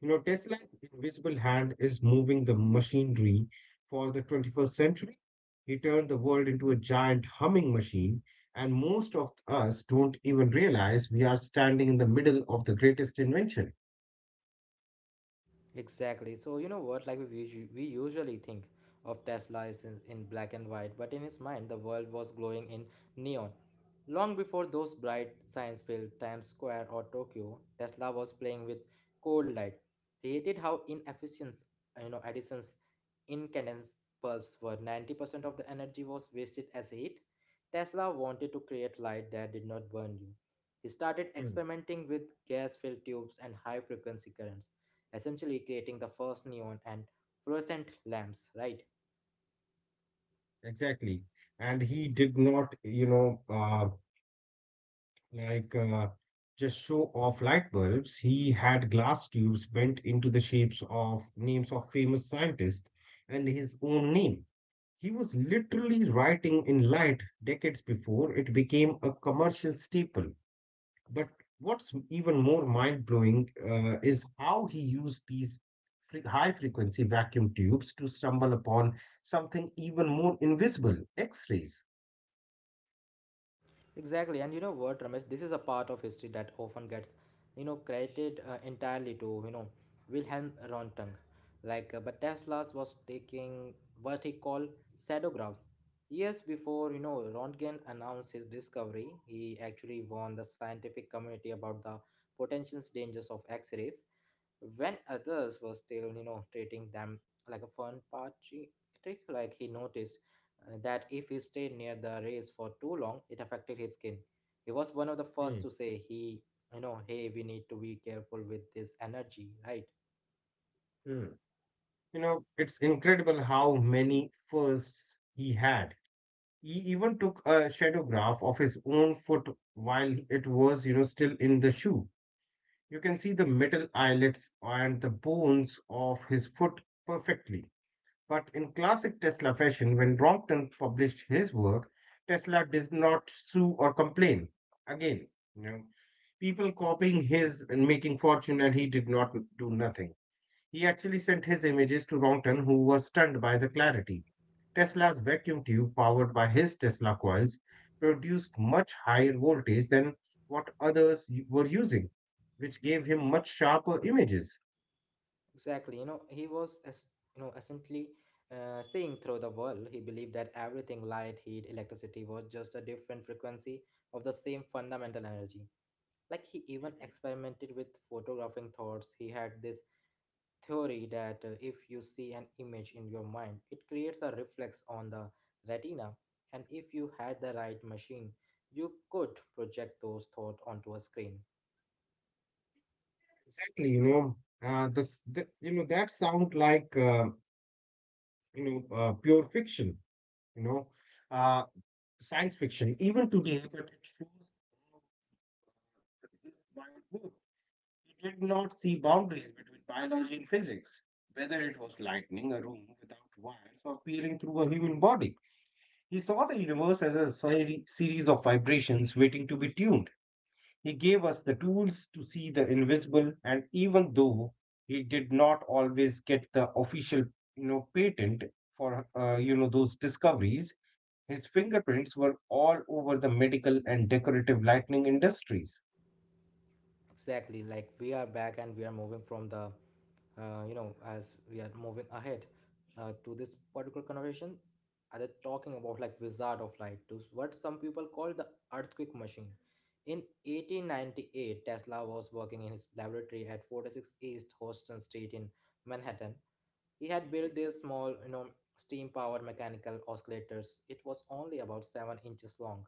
You know, Tesla's invisible hand is moving the machinery for the 21st century. He turned the world into a giant humming machine, and most of us don't even realize we are standing in the middle of the greatest invention. Exactly. So you know what? Like we usually think of Tesla is in, black and white, but in his mind, the world was glowing in neon. Long before those bright science-filled Times Square or Tokyo, Tesla was playing with cold light. He hated how inefficient, Edison's incandescent bulbs were. 90% of the energy was wasted as heat. Tesla wanted to create light that did not burn you. He started Mm. experimenting with gas-filled tubes and high-frequency currents, essentially creating the first neon and fluorescent lamps, right? Exactly. And he did not, like uh, just show off light bulbs. He had glass tubes bent into the shapes of names of famous scientists and his own name. He was literally writing in light decades before it became a commercial staple. But what's even more mind blowing is how he used these high frequency vacuum tubes to stumble upon something even more invisible, X rays. Exactly, and you know what, Ramesh, this is a part of history that often gets, credited entirely to, Wilhelm Röntgen. But Tesla's was taking what he called shadographs. Years before, Röntgen announced his discovery, he actually warned the scientific community about the potential dangers of X-rays when others were still, treating them like a fun party trick. Like he noticed that if he stayed near the race for too long it affected his skin. He was one of the first Hmm, to say, he you know hey we need to be careful with this energy, right? hmm. You know, it's incredible how many firsts he had. He even took a shadowgraph of his own foot while it was, you know, still in the shoe. You can see the metal eyelets and the bones of his foot perfectly. But in classic Tesla fashion, when Brompton published his work, Tesla did not sue or complain. Again, you know, people copying his and making fortune, and he did not do nothing. He actually sent his images to Ronton, who was stunned by the clarity. Tesla's vacuum tube, powered by his Tesla coils, produced much higher voltage than what others were using, which gave him much sharper images. Exactly. You know, he was, as you know essentially, seeing through the world. He believed that everything, light, heat, electricity, was just a different frequency of the same fundamental energy. Like he even Mhm. experimented with photographing thoughts. He had this theory that if you see an image in your mind, it creates a reflex on the retina, and if you had the right machine, you could project those thoughts onto a screen. Exactly, you know, that sound like pure fiction, you know, uh, science fiction, even today. But it shows how, his mind worked. He did not see boundaries between biology and physics, whether it was lightning, a room without wires, or peering through a human body. He saw the universe as a series of vibrations waiting to be tuned. He gave us the tools to see the invisible, and even though he did not always get the official, you know, patent for you know those discoveries, his fingerprints were all over the medical and decorative lightning industries. Exactly, like we are back and we are moving from the, as we are moving ahead to this particular conversation, are they talking about like Wizard of Light to what some people call the earthquake machine. In 1898, Tesla was working in his laboratory at 46 East Houston Street in Manhattan. He had built these small, steam-powered mechanical oscillators. It was only about 7 inches long.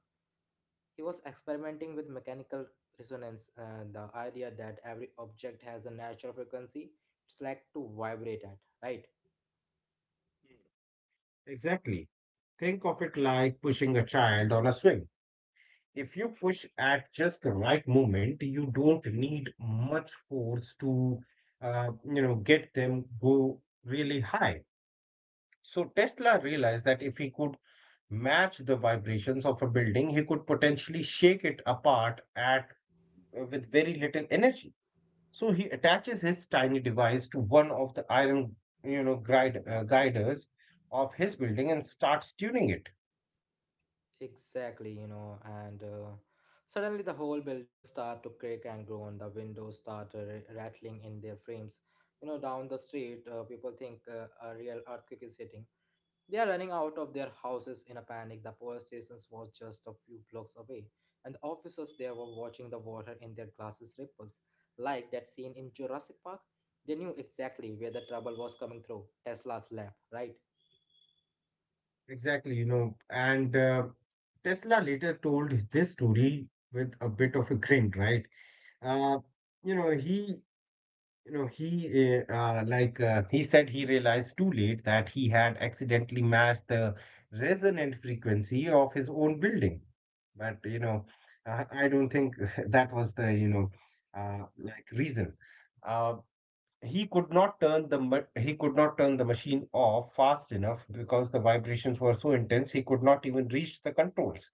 He was experimenting with mechanical resonance, the idea that every object has a natural frequency it's like to vibrate at, right? Exactly. Think of it like pushing a child on a swing. If you push at just the right moment, you don't need much force to, you know, get them go really high. So Tesla realized that if he could match the vibrations of a building, he could potentially shake it apart at with very little energy. So he attaches his tiny device to one of the iron, you know, guiders of his building and starts tuning it. Exactly, you know, and suddenly the whole building started to crack and groan. The windows started rattling in their frames. You know, down the street, people think a real earthquake is hitting. They are running out of their houses in a panic. The police station was just a few blocks away, and the officers there were watching the water in their glasses ripples, like that scene in Jurassic Park. They knew exactly where the trouble was coming through Tesla's lab, right? Exactly, you know, and Tesla later told this story with a bit of a grin, right? Uh, you know, he, you know, he, like, He said he realized too late that he had accidentally matched the resonant frequency of his own building. But, you know, I don't think that was the, you know, reason. Uh, he could not turn the he could not turn the machine off fast enough because the vibrations were so intense he could not even reach the controls.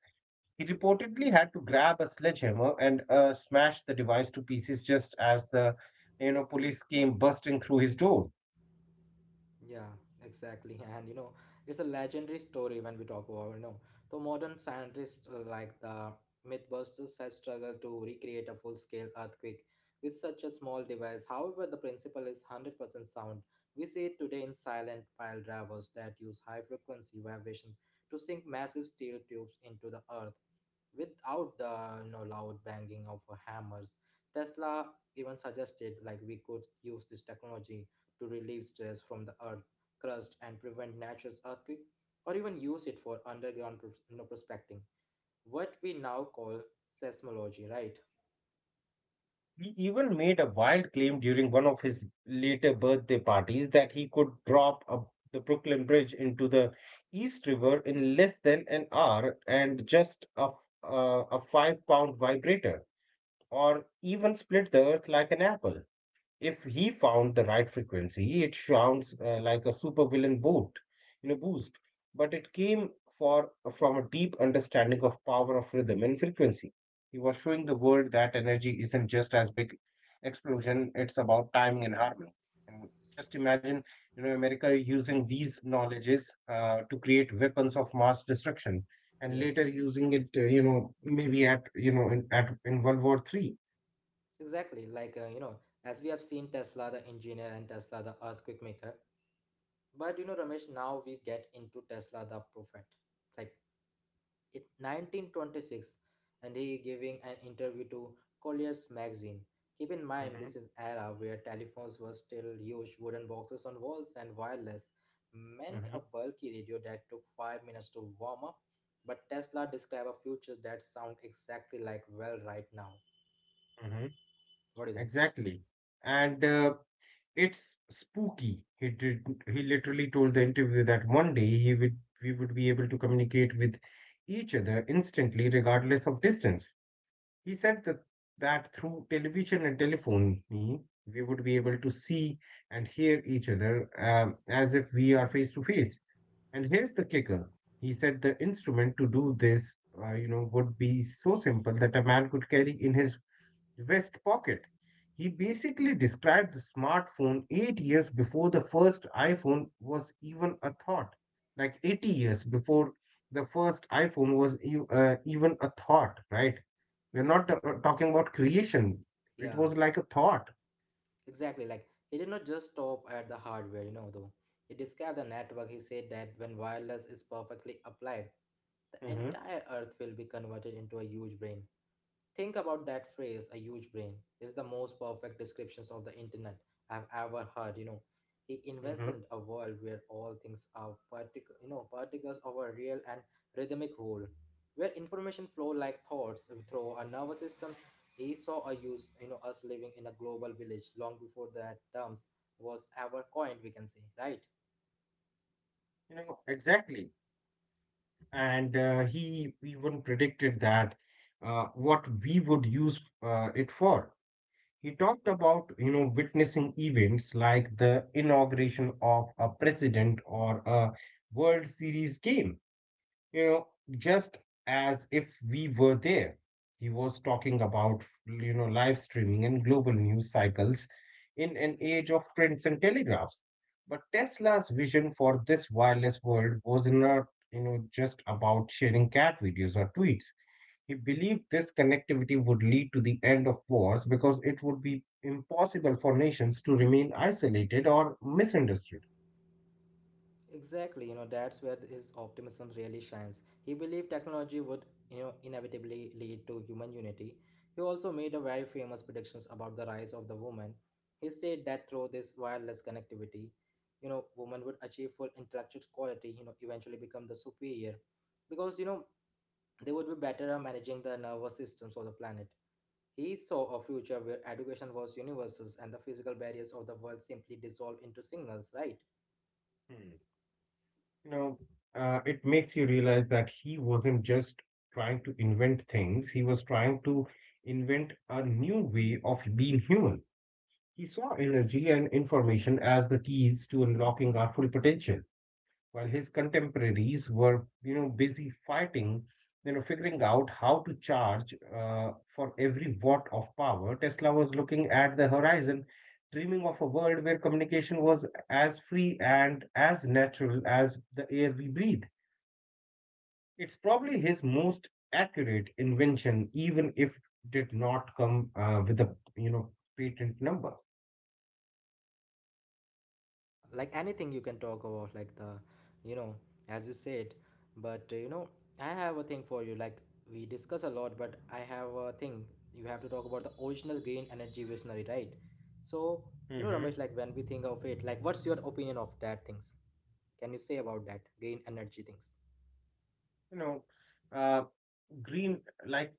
He reportedly had to grab a sledgehammer and smash the device to pieces just as the you know police came busting through his door. Yeah, exactly. And you know, it's a legendary story when we talk about, the modern scientists like the Mythbusters has struggled to recreate a full-scale earthquake with such a small device. However, the principle is 100% sound. We see it today in silent pile drivers that use high-frequency vibrations to sink massive steel tubes into the earth without the, loud banging of hammers. Tesla even suggested like we could use this technology to relieve stress from the earth crust and prevent natural earthquake, or even use it for underground prospecting. What we now call seismology, right? He even made a wild claim during one of his later birthday parties that he could drop the Brooklyn Bridge into the East River in less than an hour and just a 5 pound vibrator or even split the earth like an apple. If he found the right frequency, it sounds like a supervillain boost. But it came for from a deep understanding of power of rhythm and frequency. He was showing the world that energy isn't just as big explosion; it's about timing and harmony. And just imagine, you know, America using these knowledges to create weapons of mass destruction, and Yeah, later using it, maybe at you know in, at in World War Three. exactly. As we have seen Tesla the engineer and Tesla the earthquake maker. But, you know, Ramesh, now we get into Tesla the prophet. Like, in 1926 and he giving an interview to Collier's magazine. Keep in mind this Hmm. is era where telephones were still huge wooden boxes on walls and wireless meant Hmm. a bulky radio that took 5 minutes to warm up. But Tesla described a future that sound exactly like well right now. Hmm. What do you think? Exactly. And it's spooky. He literally told the interview that one day he would we would be able to communicate with each other instantly, regardless of distance. He said that through television and telephony, we would be able to see and hear each other as if we are face to face. And here's the kicker. He said the instrument to do this, would be so simple that a man could carry in his West Pocket. He basically described the smartphone 8 years before the first iPhone was even a thought, like 80 years before the first iPhone was even a thought, right? We're not talking about creation, it Yeah. was like a thought. Exactly, like he did not just stop at the hardware, you know, though. He described the network. He said that when wireless is perfectly applied, the Mhm, entire earth will be converted into a huge brain. Think about that phrase, a huge brain, is the most perfect descriptions of the internet I've ever heard, you know. He mhm. invented a world where all things are particles of a real and rhythmic whole, where information flow like thoughts through our nervous systems. He saw a use, you know, us living in a global village long before that terms was ever coined, we can say, right? You know, exactly. And he even predicted that what we would use it for. He talked about, you know, witnessing events like the inauguration of a president or a World Series game, you know, just as if we were there. He was talking about, you know, live streaming and global news cycles in an age of prints and telegraphs. But Tesla's vision for this wireless world was not, you know, just about sharing cat videos or tweets. He believed this connectivity would lead to the end of wars because it would be impossible for nations to remain isolated or misunderstood. Exactly, you know, that's where his optimism really shines. He believed technology would, inevitably lead to human unity. He also made a very famous predictions about the rise of the woman. He said that through this wireless connectivity, women would achieve full intellectual quality, eventually become the superior. Because, they would be better at managing the nervous systems of the planet. He saw a future where education was universal and the physical barriers of the world simply dissolved into signals, right? Hmm. You know, it makes you realize that he wasn't just trying to invent things, he was trying to invent a new way of being human. He saw energy and information as the keys to unlocking our full potential. While his contemporaries were, busy fighting, figuring out how to charge for every watt of power, Tesla was looking at the horizon, dreaming of a world where communication was as free and as natural as the air we breathe. It's probably his most accurate invention, even if it did not come with a, patent number. Like anything you can talk about like the, you know as you said, but I have a thing for you. Like we discuss a lot but I have a thing. You have to talk about the original green energy visionary, right? So, you know, hmm Ramesh, like when we think of it, like what's your opinion of that things? Can you say about that green energy things? You know, uh, green, like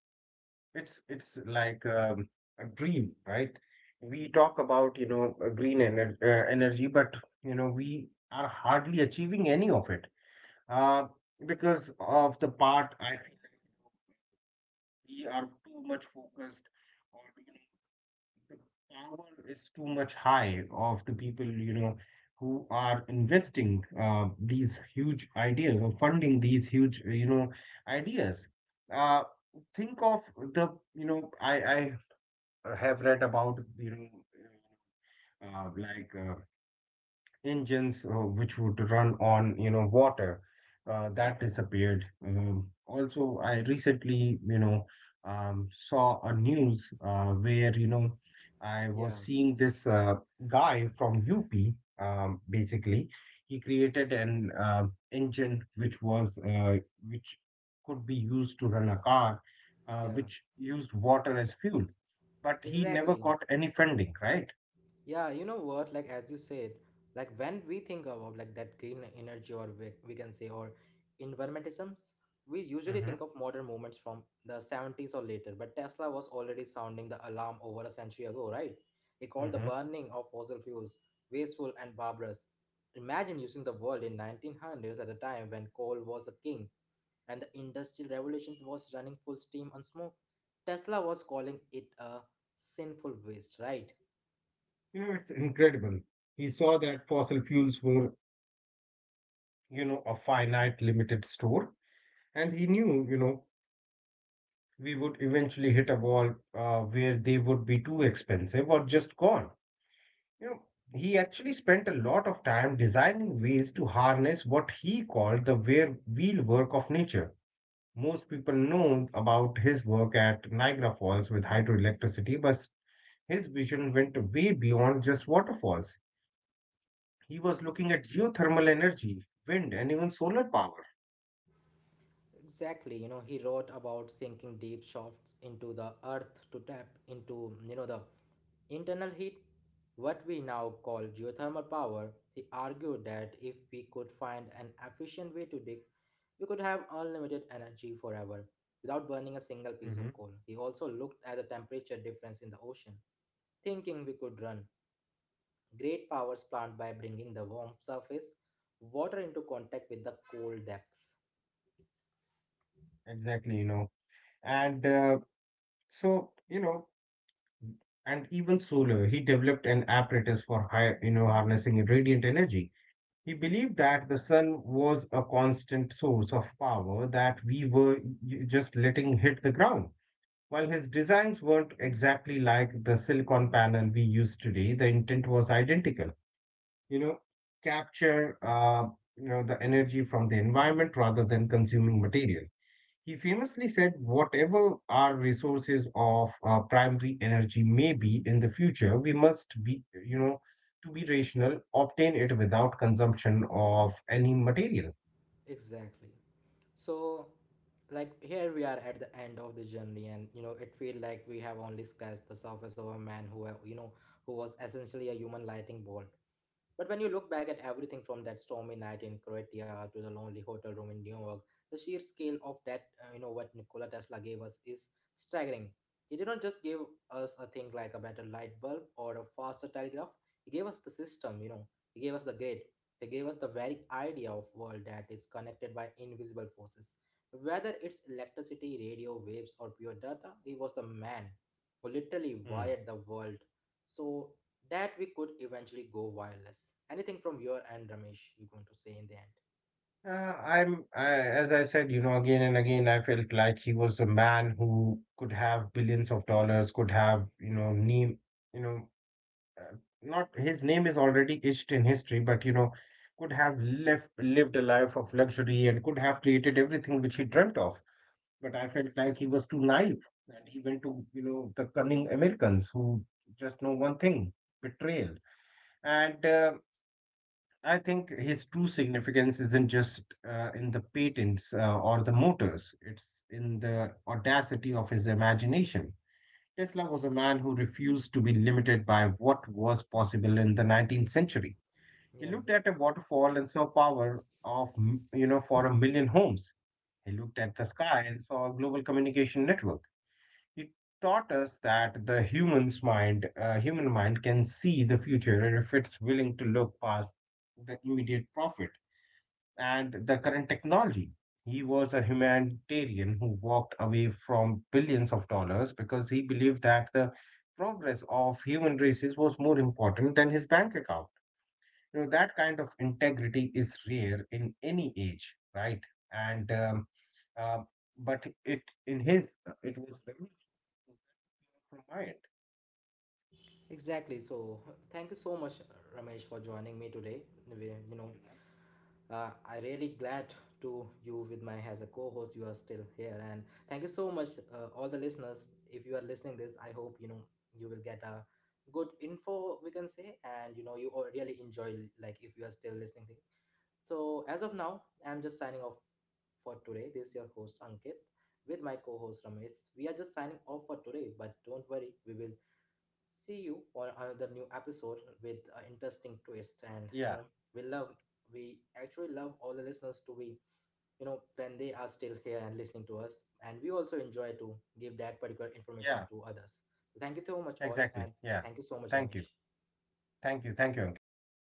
it's like a dream, right? We talk about, green energy, but you know we are hardly achieving any of it, uh, because of the part I feel like we are too much focused, or you know, the power is too much high of the people, you know, who are investing these huge ideas or funding these huge, ideas. uh, think of the, you know I have read about, uh, like uh, engines, which would run on, you know, water, that disappeared. Also, I recently, saw a news, where, you know, I Yeah. was seeing this, guy from up, basically he created an, engine which was which could be used to run a car, Yeah, which used water as fuel, but he never exactly. got any funding, right? Yeah, you know what? Like as you said, like when we think about like that green energy or we can say or environmentalisms, we usually hmm think of modern movements from the 70s or later, but Tesla was already sounding the alarm over a century ago, right? He called the burning of fossil fuels wasteful and barbarous. Imagine using the world in 1900s at a time when coal was a king and the industrial revolution was running full steam on smoke. Tesla was calling it a sinful waste, right? You know, it's incredible. He saw that fossil fuels were, you know, a finite, limited store, and he knew, you know, we would eventually hit a wall where they would be too expensive or just gone. You know, he actually spent a lot of time designing ways to harness what he called the wear wheel work of nature. Most people know about his work at Niagara Falls with hydroelectricity, but his vision went way beyond just waterfalls. He was looking at geothermal energy, wind, and even solar power. Exactly, you know, he wrote about sinking deep shafts into the earth to tap into, the internal heat, what we now call geothermal power. He argued that if we could find an efficient way to dig, we could have unlimited energy forever without burning a single piece hmm of coal. He also looked at the temperature difference in the ocean thinking we could run great powers plant by bringing the warm surface water into contact with the cold depths. Exactly, you know. And so, you know, and even solar, he developed an apparatus for high, you know, harnessing radiant energy. He believed that the sun was a constant source of power that we were just letting hit the ground. While his designs weren't exactly like the silicon panel we use today, the intent was identical. You know, capture, you know, the energy from the environment rather than consuming material. He famously said, whatever our resources of primary energy may be in the future, we must be, you know, to be rational, obtain it without consumption of any material. Exactly. So, like here we are at the end of the journey and you know it feel like we have only scratched the surface of a man who, who was essentially a human lightning bolt. But when you look back at everything from that stormy night in Croatia to the lonely hotel room in New York, the sheer scale of that, what Nikola Tesla gave us is staggering. He did not just give us a thing like a better light bulb or a faster telegraph. He gave us the system, you know. He gave us the grid. He gave us the very idea of world that is connected by invisible forces. Whether it's electricity, radio waves, or pure data, he was the man who literally Hmm. wired the world. So that we could eventually go wireless. Anything from your end, Ramesh, you're going to say in the end. Uh, I'm, as I said, you know, again and again, I felt like he was a man who could have billions of dollars, could have, you know, name, you know, uh, not his name is already etched in history, but you know, could have left lived a life of luxury and could have created everything which he dreamt of. But I felt like he was too naive, and he went to, you know, the cunning Americans who just know one thing: betrayal. And I think his true significance isn't just in the patents or the motors; it's in the audacity of his imagination. Tesla was a man who refused to be limited by what was possible in the 19th century. He Yeah, looked at a waterfall and saw power of, you know, for a million homes. He looked at the sky and saw a global communication network. He taught us that the human mind can see the future if it's willing to look past the immediate profit and the current technology. He was a humanitarian who walked away from billions of dollars because he believed that the progress of human races was more important than his bank account. You know, that kind of integrity is rare in any age, right? And uh, but it in his It was revolutionary from my end. exactly. So Thank you so much, Ramesh, for joining me today. You know, Mhm. I really glad to you with my as a co-host. You are still here, and thank you so much, all the listeners. If you are listening this, I hope you know you will get a good info we can say, and you know you all really enjoy Yeah. like if you are still So listening. Thing. thank you. So, as of now, I'm just signing off for today. This is your host Ankit with my co host Ramesh. We are just signing off for today, but don't worry, we will see you on another new episode with an interesting twist. And Yeah. you know, we love, we actually love all the listeners to be, you know, when they are still here and listening to us. And we also enjoy to give that particular Yeah. information to others. So, thank you so much, all, Exactly. and Yeah. thank you so Thank much, you. Ramesh. Thank you. Thank you, Ankit.